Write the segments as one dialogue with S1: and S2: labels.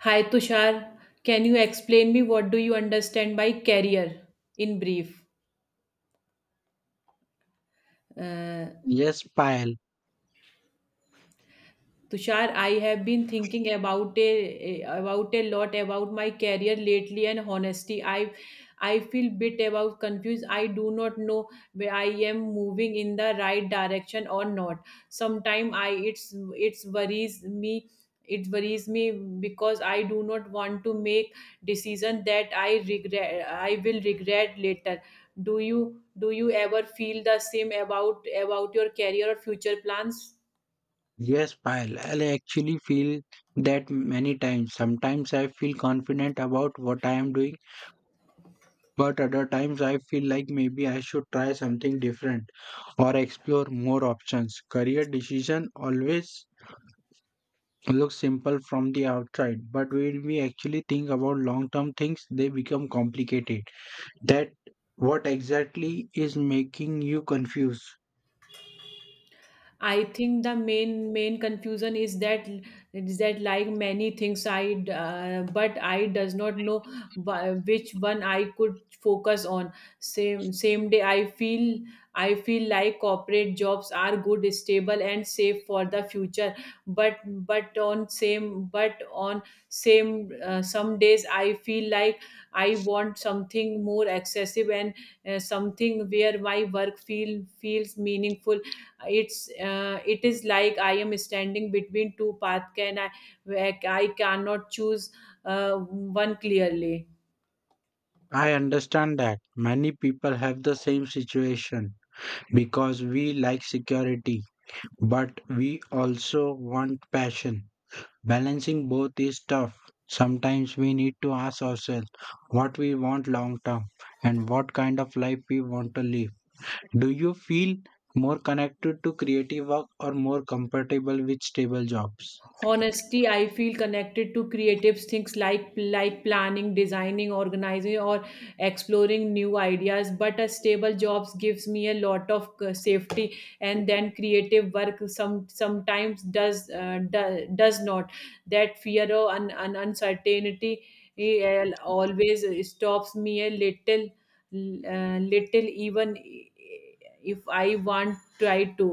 S1: Hi Tushar, can you explain me what do you understand by career in brief? Uh,
S2: Yes, Payal.
S1: Tushar, I have been thinking about a lot about my career lately and honesty. I feel bit about confused. I do not know where I am moving in the right direction or not. Sometimes I it's worries me. It worries me because I do not want to make decision that I regret. I will regret later. Do you do you ever feel the same about your career or future plans?
S2: Yes, Payal. I actually feel that many times. Sometimes I feel confident about what I am doing, but other times I feel like maybe I should try something different or explore more options. Career decision always looks simple from the outside, but when we actually think about long-term things, they become complicated. That what exactly is making you confused?
S1: I think the main confusion is that like many things but I does not know which one I could focus on. Same day I feel like corporate jobs are good, stable, and safe for the future. But but on same some days I feel like I want something more excessive and something where my work feel feels meaningful. It is like I am standing between two paths. Can I Where I cannot choose one clearly.
S2: I understand that many people have the same situation because we like security, but we also want passion. Balancing both is tough. Sometimes we need to ask ourselves what we want long term and what kind of life we want to live. Do you feel more connected to creative work or more compatible with stable jobs?
S1: Honestly, I feel connected to creative things like planning, designing, organizing, or exploring new ideas. But a stable jobs gives me a lot of safety, and then creative work sometimes does not. That fear or uncertainty always stops me a little, little even if I want try to.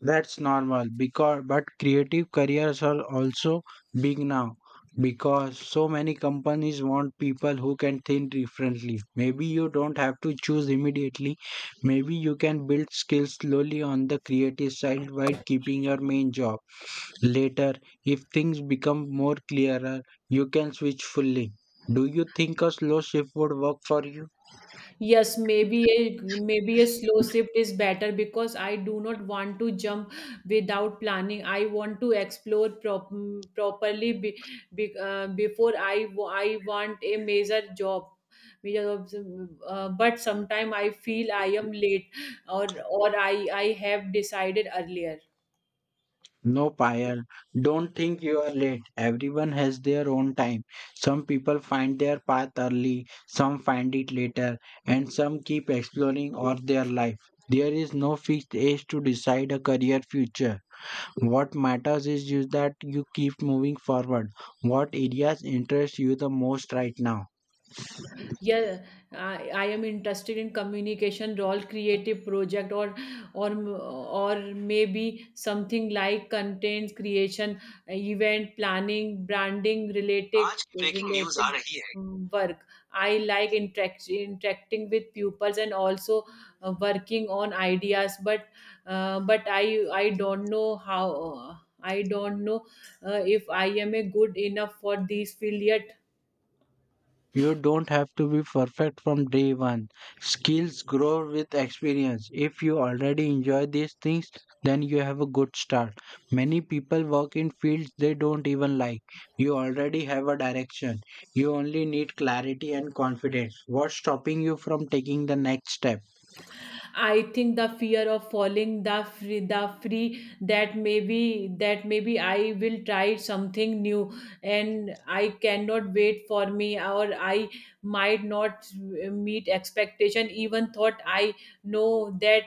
S2: That's normal because but creative careers are also big now because so many companies want people who can think differently. Maybe you don't have to choose immediately. Maybe you can build skills slowly on the creative side while keeping your main job. Later, if things become more clearer, you can switch fully. Do you think a slow shift would work for you?
S1: Yes, maybe a slow shift is better because I do not want to jump without planning. I want to explore properly before I want a major job. Major jobs. But sometimes I feel I am late or I have decided earlier.
S2: No, Payal, don't think you are late. Everyone has their own time. Some people find their path early, some find it later, and some keep exploring all their life. There is no fixed age to decide a career future. What matters is you that you keep moving forward. What areas interest you the most right now?
S1: Yeah, I am interested in communication role, creative project, or or maybe something like content creation, event planning, branding related related work. I like interacting with pupils and also working on ideas, but I don't know if I am a good enough for this field yet.
S2: You don't have to be perfect from day one. Skills grow with experience. If you already enjoy these things, then you have a good start. Many people work in fields they don't even like. You already have a direction. You only need clarity and confidence. What's stopping you from taking the next step?
S1: I think the fear of falling, the free that maybe I will try something new and I cannot wait for me, or I might not meet expectation, even thought I know that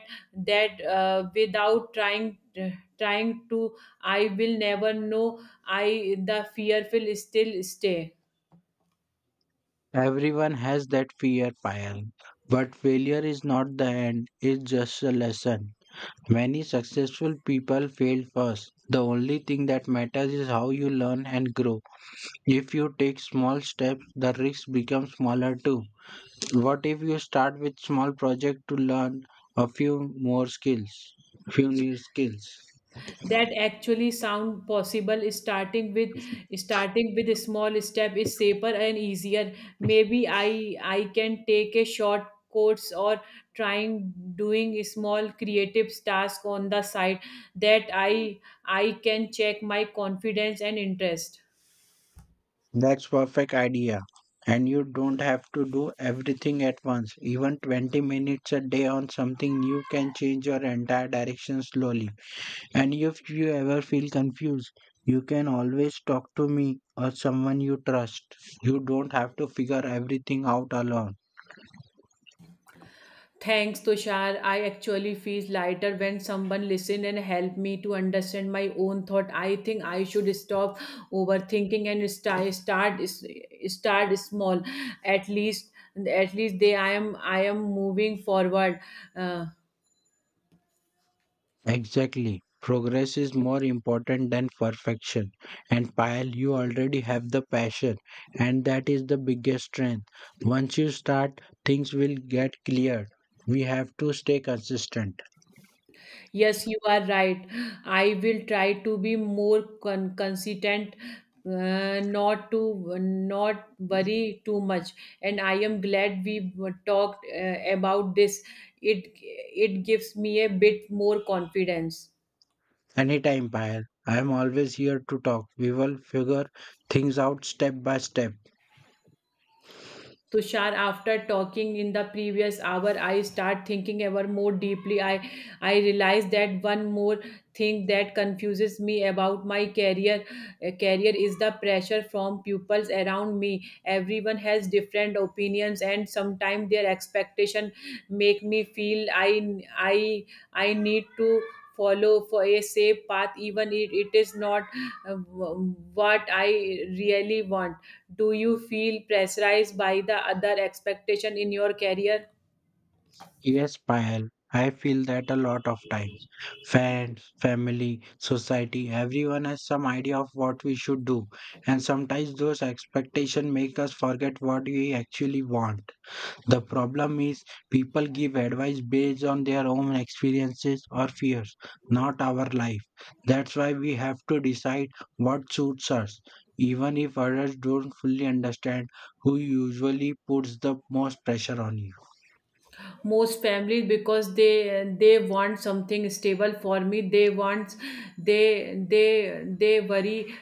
S1: without trying trying to I will never know. I the fear will still stay.
S2: Everyone has that fear, Payal. But failure is not the end, it's just a lesson. Many successful people failed first. The only thing that matters is how you learn and grow. If you take small steps, the risks become smaller too. What if you start with small project to learn a few more skills, few new skills?
S1: That actually sound possible. Starting with a small step is safer and easier. Maybe I can take a short course or trying doing a small creative task on the side. That I can check my confidence and interest.
S2: That's perfect idea. And you don't have to do everything at once. Even 20 minutes a day on something new can change your entire direction slowly. And if you ever feel confused, you can always talk to me or someone you trust. You don't have to figure everything out alone.
S1: Thanks, Tushar. I actually feel lighter when someone listen and help me to understand my own thought. I think I should stop overthinking and start small. At least, at least they I am moving forward. Uh,
S2: Exactly. Progress is more important than perfection. And Payal, you already have the passion, and that is the biggest strength. Once you start, things will get clear. We have to stay consistent.
S1: Yes, you are right. I will try to be more consistent, not to not worry too much. And I am glad we talked about this. It gives me a bit more confidence.
S2: Anytime, Payal. I am always here to talk. We will figure things out step by step.
S1: Tushar, after talking in the previous hour, I start thinking ever more deeply. I realize that one more thing that confuses me about my career, is the pressure from pupils around me. Everyone has different opinions, and sometimes their expectation make me feel I need to follow for a safe path, even if it is not what I really want. Do you feel pressurized by the other expectation in your career?
S2: Yes, Payal, I feel that a lot of times. Friends, family, society, everyone has some idea of what we should do, and sometimes those expectations make us forget what we actually want. The problem is people give advice based on their own experiences or fears, not our life. That's why we have to decide what suits us. Even if others don't fully understand, who usually puts the most pressure on you?
S1: Most families, because they want something stable for me. They want They worry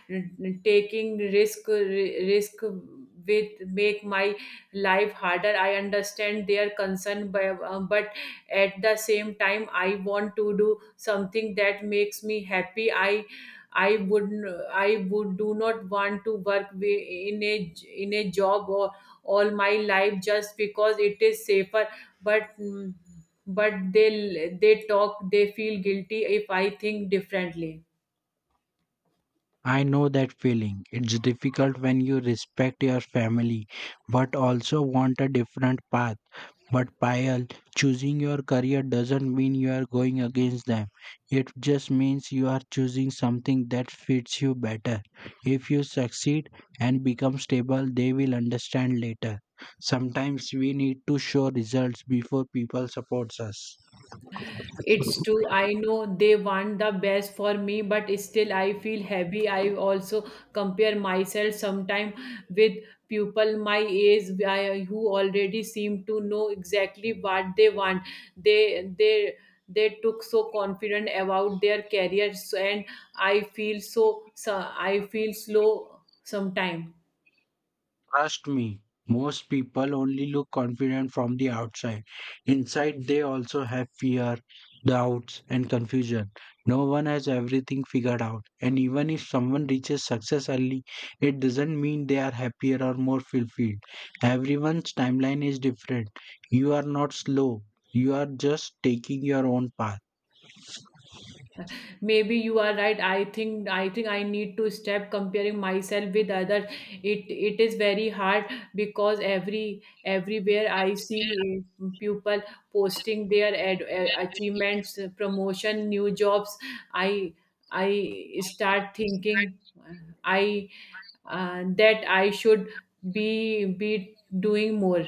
S1: taking risk with make my life harder. I understand their concern but at the same time I want to do something that makes me happy. I would I would do not want to work in a job or all my life just because it is safer. but mm, but they feel guilty if I think differently.
S2: I know that feeling. It's difficult when you respect your family but also want a different path. But Payal, choosing your career doesn't mean you are going against them. It just means you are choosing something that fits you better. If you succeed and become stable, they will understand later. Sometimes we need to show results before people supports us.
S1: It's true, I know they want the best for me, but still I feel heavy. I also compare myself sometime with people my age, who already seem to know exactly what they want. They they they took so confident about their careers, and I feel so. I feel slow sometime.
S2: Trust me, most people only look confident from the outside. Inside, they also have fear, doubts, and confusion. No one has everything figured out. And even if someone reaches success early, it doesn't mean they are happier or more fulfilled. Everyone's timeline is different. You are not slow, you are just taking your own path.
S1: Maybe you are right. I think I need to stop comparing myself with others. It is very hard because everywhere I see people posting their achievements, promotion, new jobs. I i start thinking I that I should be doing more.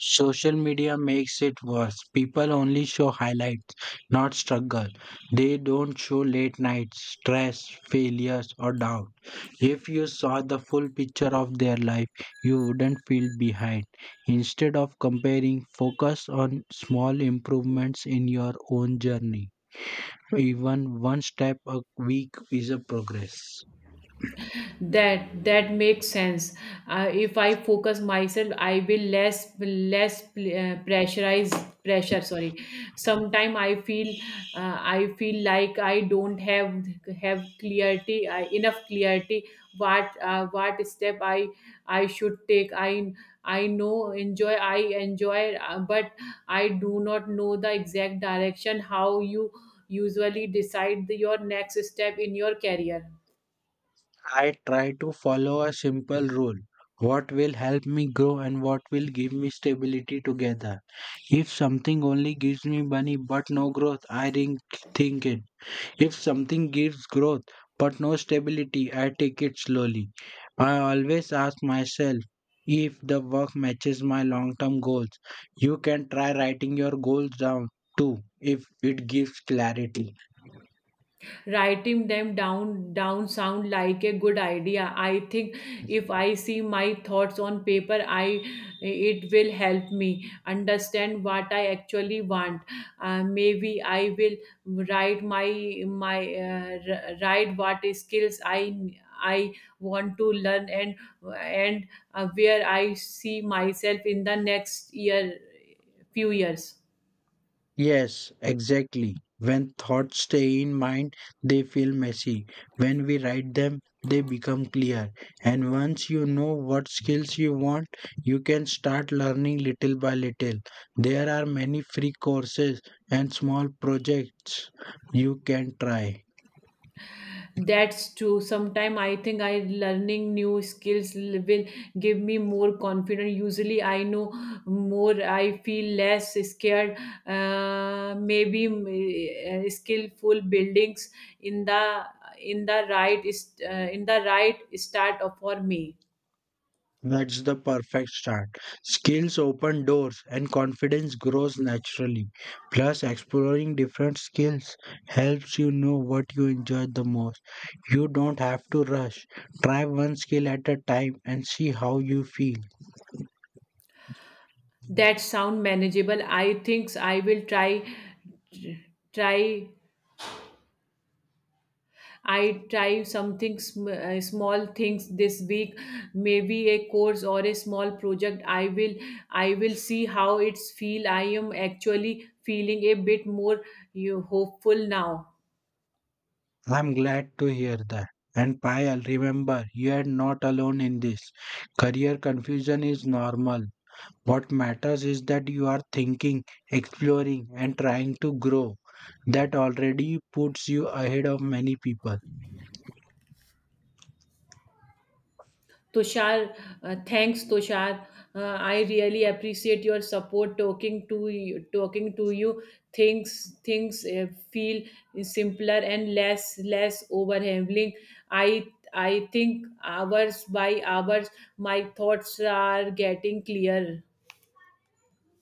S2: Social media makes it worse. People only show highlights, not struggle. They don't show late nights, stress, failures, or doubt. If you saw the full picture of their life, you wouldn't feel behind. Instead of comparing, focus on small improvements in your own journey. Even one step a week is a progress.
S1: That makes sense. If I focus myself I will less pressurize. Pressure, sorry. Sometime I feel I feel like I don't have clarity, enough clarity what step I should take. I i know enjoy I enjoy, but I do not know the exact direction. How you usually decide your next step in your career?
S2: I try to follow a simple rule. What will help me grow and what will give me stability together. If something only gives me money but no growth, I rethink it. If something gives growth but no stability, I take it slowly. I always ask myself if the work matches my long term goals. You can try writing your goals down too if it gives clarity.
S1: Writing them down sound like a good idea. I think if I see my thoughts on paper, I it will help me understand what I actually want. Maybe I will write write what skills I want to learn, and where I see myself in the next year, few years.
S2: Yes, exactly. When thoughts stay in mind, they feel messy. When we write them, they become clear. And once you know what skills you want, you can start learning little by little. There are many free courses and small projects you can try.
S1: That's true. Sometime I think I learning new skills will give me more confidence. Usually I know more, I feel less scared. Maybe skillful buildings in the in the right is in the right start of for me.
S2: That's the perfect start. Skills open doors and confidence grows naturally. Plus, exploring different skills helps you know what you enjoy the most. You don't have to rush. Try one skill at a time and see how you feel.
S1: That sound manageable. I think I will try. I try small things this week, maybe a course or a small project. I will see how it's feel. I am actually feeling a bit more you hopeful now.
S2: I'm glad to hear that. And Payal, remember, you are not alone in this. Career confusion is normal. What matters is that you are thinking, exploring, and trying to grow. That already puts you ahead of many people.
S1: Tushar, Thanks, Tushar. I really appreciate your support. Talking to you, things feel simpler and less overwhelming. I I think hours by hours, my thoughts are getting clearer.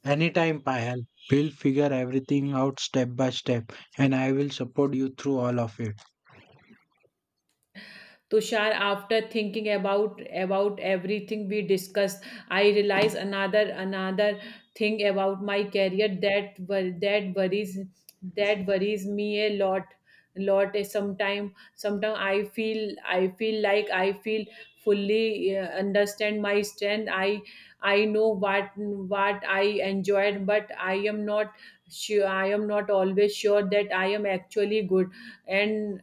S2: Anytime, Payal, we'll figure everything out step by step, and I will support you through all of it.
S1: Tushar, after thinking about everything we discussed, I realize another thing about my career that that worries me a lot. Sometime, I feel I feel fully understand my strength. I know what I enjoyed, but I am not sure. I am not always sure that I am actually good. and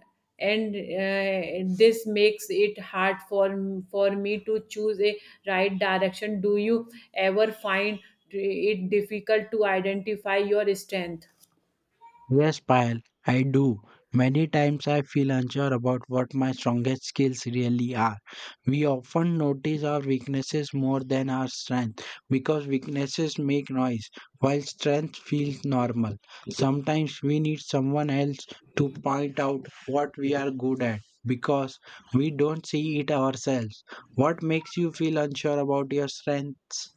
S1: and this makes it hard for me to choose a right direction. Do you ever find it difficult to identify your strength?
S2: Yes, Payal, I do. Many times I feel unsure about what my strongest skills really are. We often notice our weaknesses more than our strength because weaknesses make noise while strength feels normal. Sometimes we need someone else to point out what we are good at because we don't see it ourselves. What makes you feel unsure about your strengths?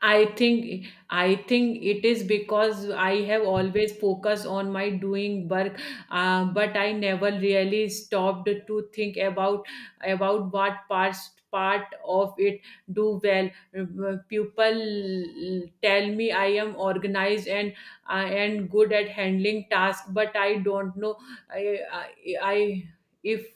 S1: I think it is because I have always focused on my doing work, but I never really stopped to think about what part of it do well. People tell me I am organized and and good at handling tasks, but I don't know. I, I, I if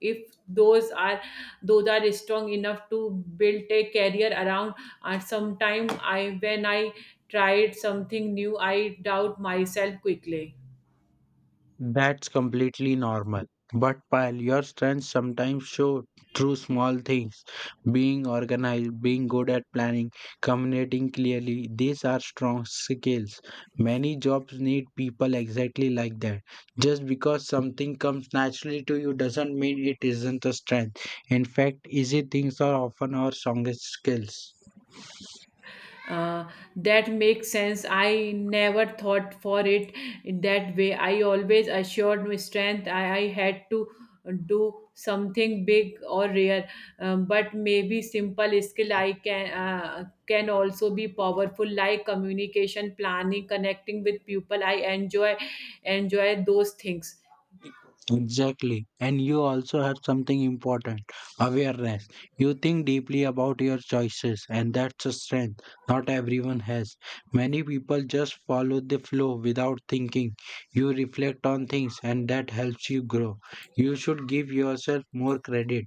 S1: if those are strong enough to build a career around. And sometime, I when I tried something new, I doubt myself quickly.
S2: That's completely normal. But while your strengths sometimes show through small things, being organized, being good at planning, communicating clearly, these are strong skills. Many jobs need people exactly like that. Just because something comes naturally to you doesn't mean it isn't a strength. In fact, easy things are often our strongest skills.
S1: uh, that makes sense. I never thought for it in that way. I always assured my strength, I had to do something big or rare, but maybe simple skill I can also be powerful, like communication, planning, connecting with people. I enjoy those things.
S2: Exactly. And you also have something important awareness. You think deeply about your choices, and that's a strength not everyone has. Many people just follow the flow without thinking. You reflect on things, and that helps you grow. You should give yourself more credit.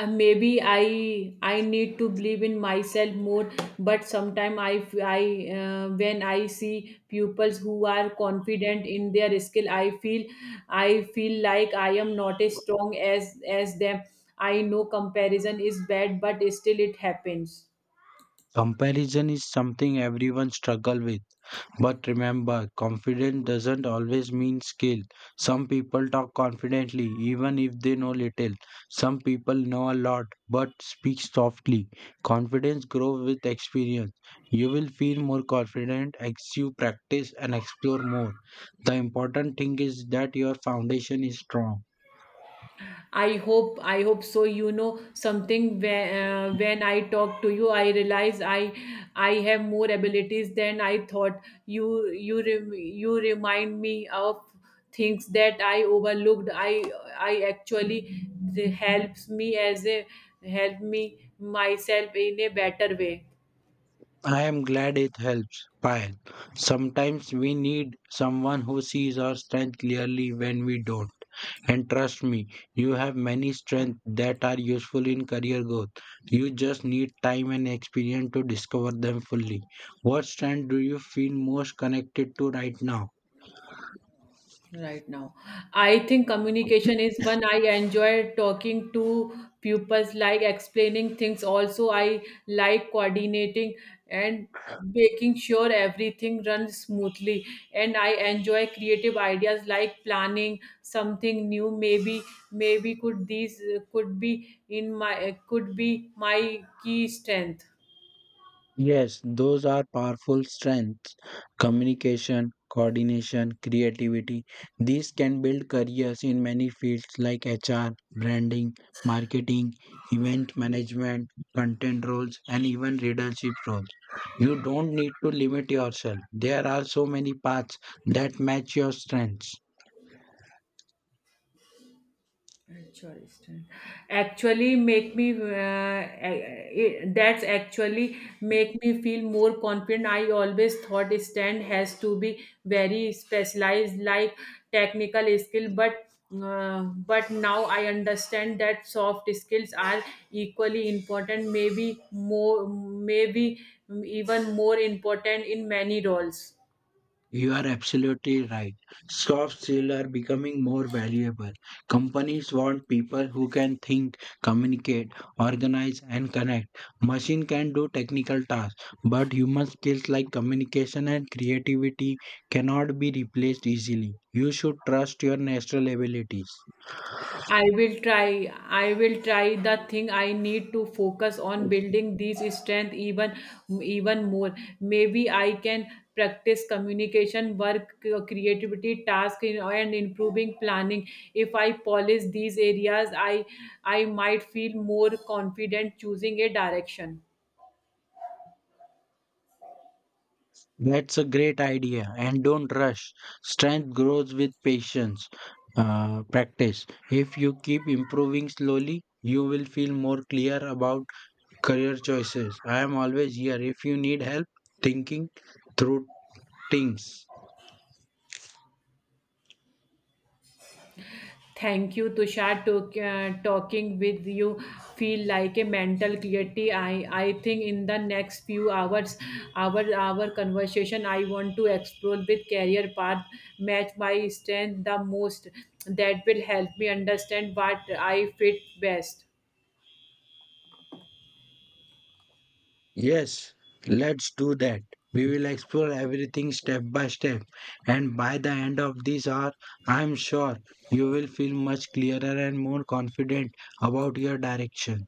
S1: I maybe I need to believe in myself more. But sometimes I when I see pupils who are confident in their skill, I feel like I am not as strong as them. I know comparison is bad, but still it happens.
S2: Comparison is something everyone struggles with, but remember, confident doesn't always mean skill. Some people talk confidently even if they know little. Some people know a lot but speak softly. Confidence grows with experience. You will feel more confident as you practice and explore more. The important thing is that your foundation is strong.
S1: I hope so. You know something where, when I talk to you, I realize I have more abilities than I thought. You remind me of things that I overlooked. I actually the helps me as a help me myself in a better way.
S2: I am glad it helps, Payal. Sometimes we need someone who sees our strength clearly when we don't. And trust me, you have many strengths that are useful in career growth. You just need time and experience to discover them fully. What strength do you feel most connected to right now?
S1: Right now, I think communication is one. I enjoy talking to pupils, like explaining things. Also, I like coordinating and making sure everything runs smoothly. And I enjoy creative ideas, like planning something new. Maybe maybe could these could be in my could be my key strength.
S2: Yes, those are powerful strengths. Communication, coordination, creativity. These can build careers in many fields like HR, branding, marketing, event management, content roles, and even leadership roles. You don't need to limit yourself. There are so many paths that match your strengths.
S1: Choristan. Actually, make me that's actually make me feel more confident. I always thought stand has to be very specialized, like technical skill, uh, but now I understand that soft skills are equally important, maybe even more important in many roles.
S2: You are absolutely right. Soft skills are becoming more valuable. Companies want people who can think, communicate, organize, and connect. Machine can do technical tasks, but human skills like communication and creativity cannot be replaced easily. You should trust your natural abilities.
S1: I will try the thing I need to focus on building these strength even more. Maybe I can practice communication, work, creativity, task, and improving planning. If I polish these areas, I might feel more confident choosing a direction.
S2: That's a great idea. And don't rush. Strength grows with patience, practice. If you keep improving slowly, you will feel more clear about career choices. I am always here if you need help thinking through things.
S1: Thank you, Tushar. To Talking with you feel like a mental clarity. I think in the next few hours, our conversation, I want to explore with career path, match my strength the most. That will help me understand what I fit best.
S2: Yes, let's do that. We will explore everything step by step. And by the end of this hour, I am sure you will feel much clearer and more confident about your direction.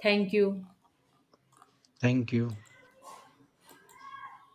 S1: Thank you.
S2: Thank you.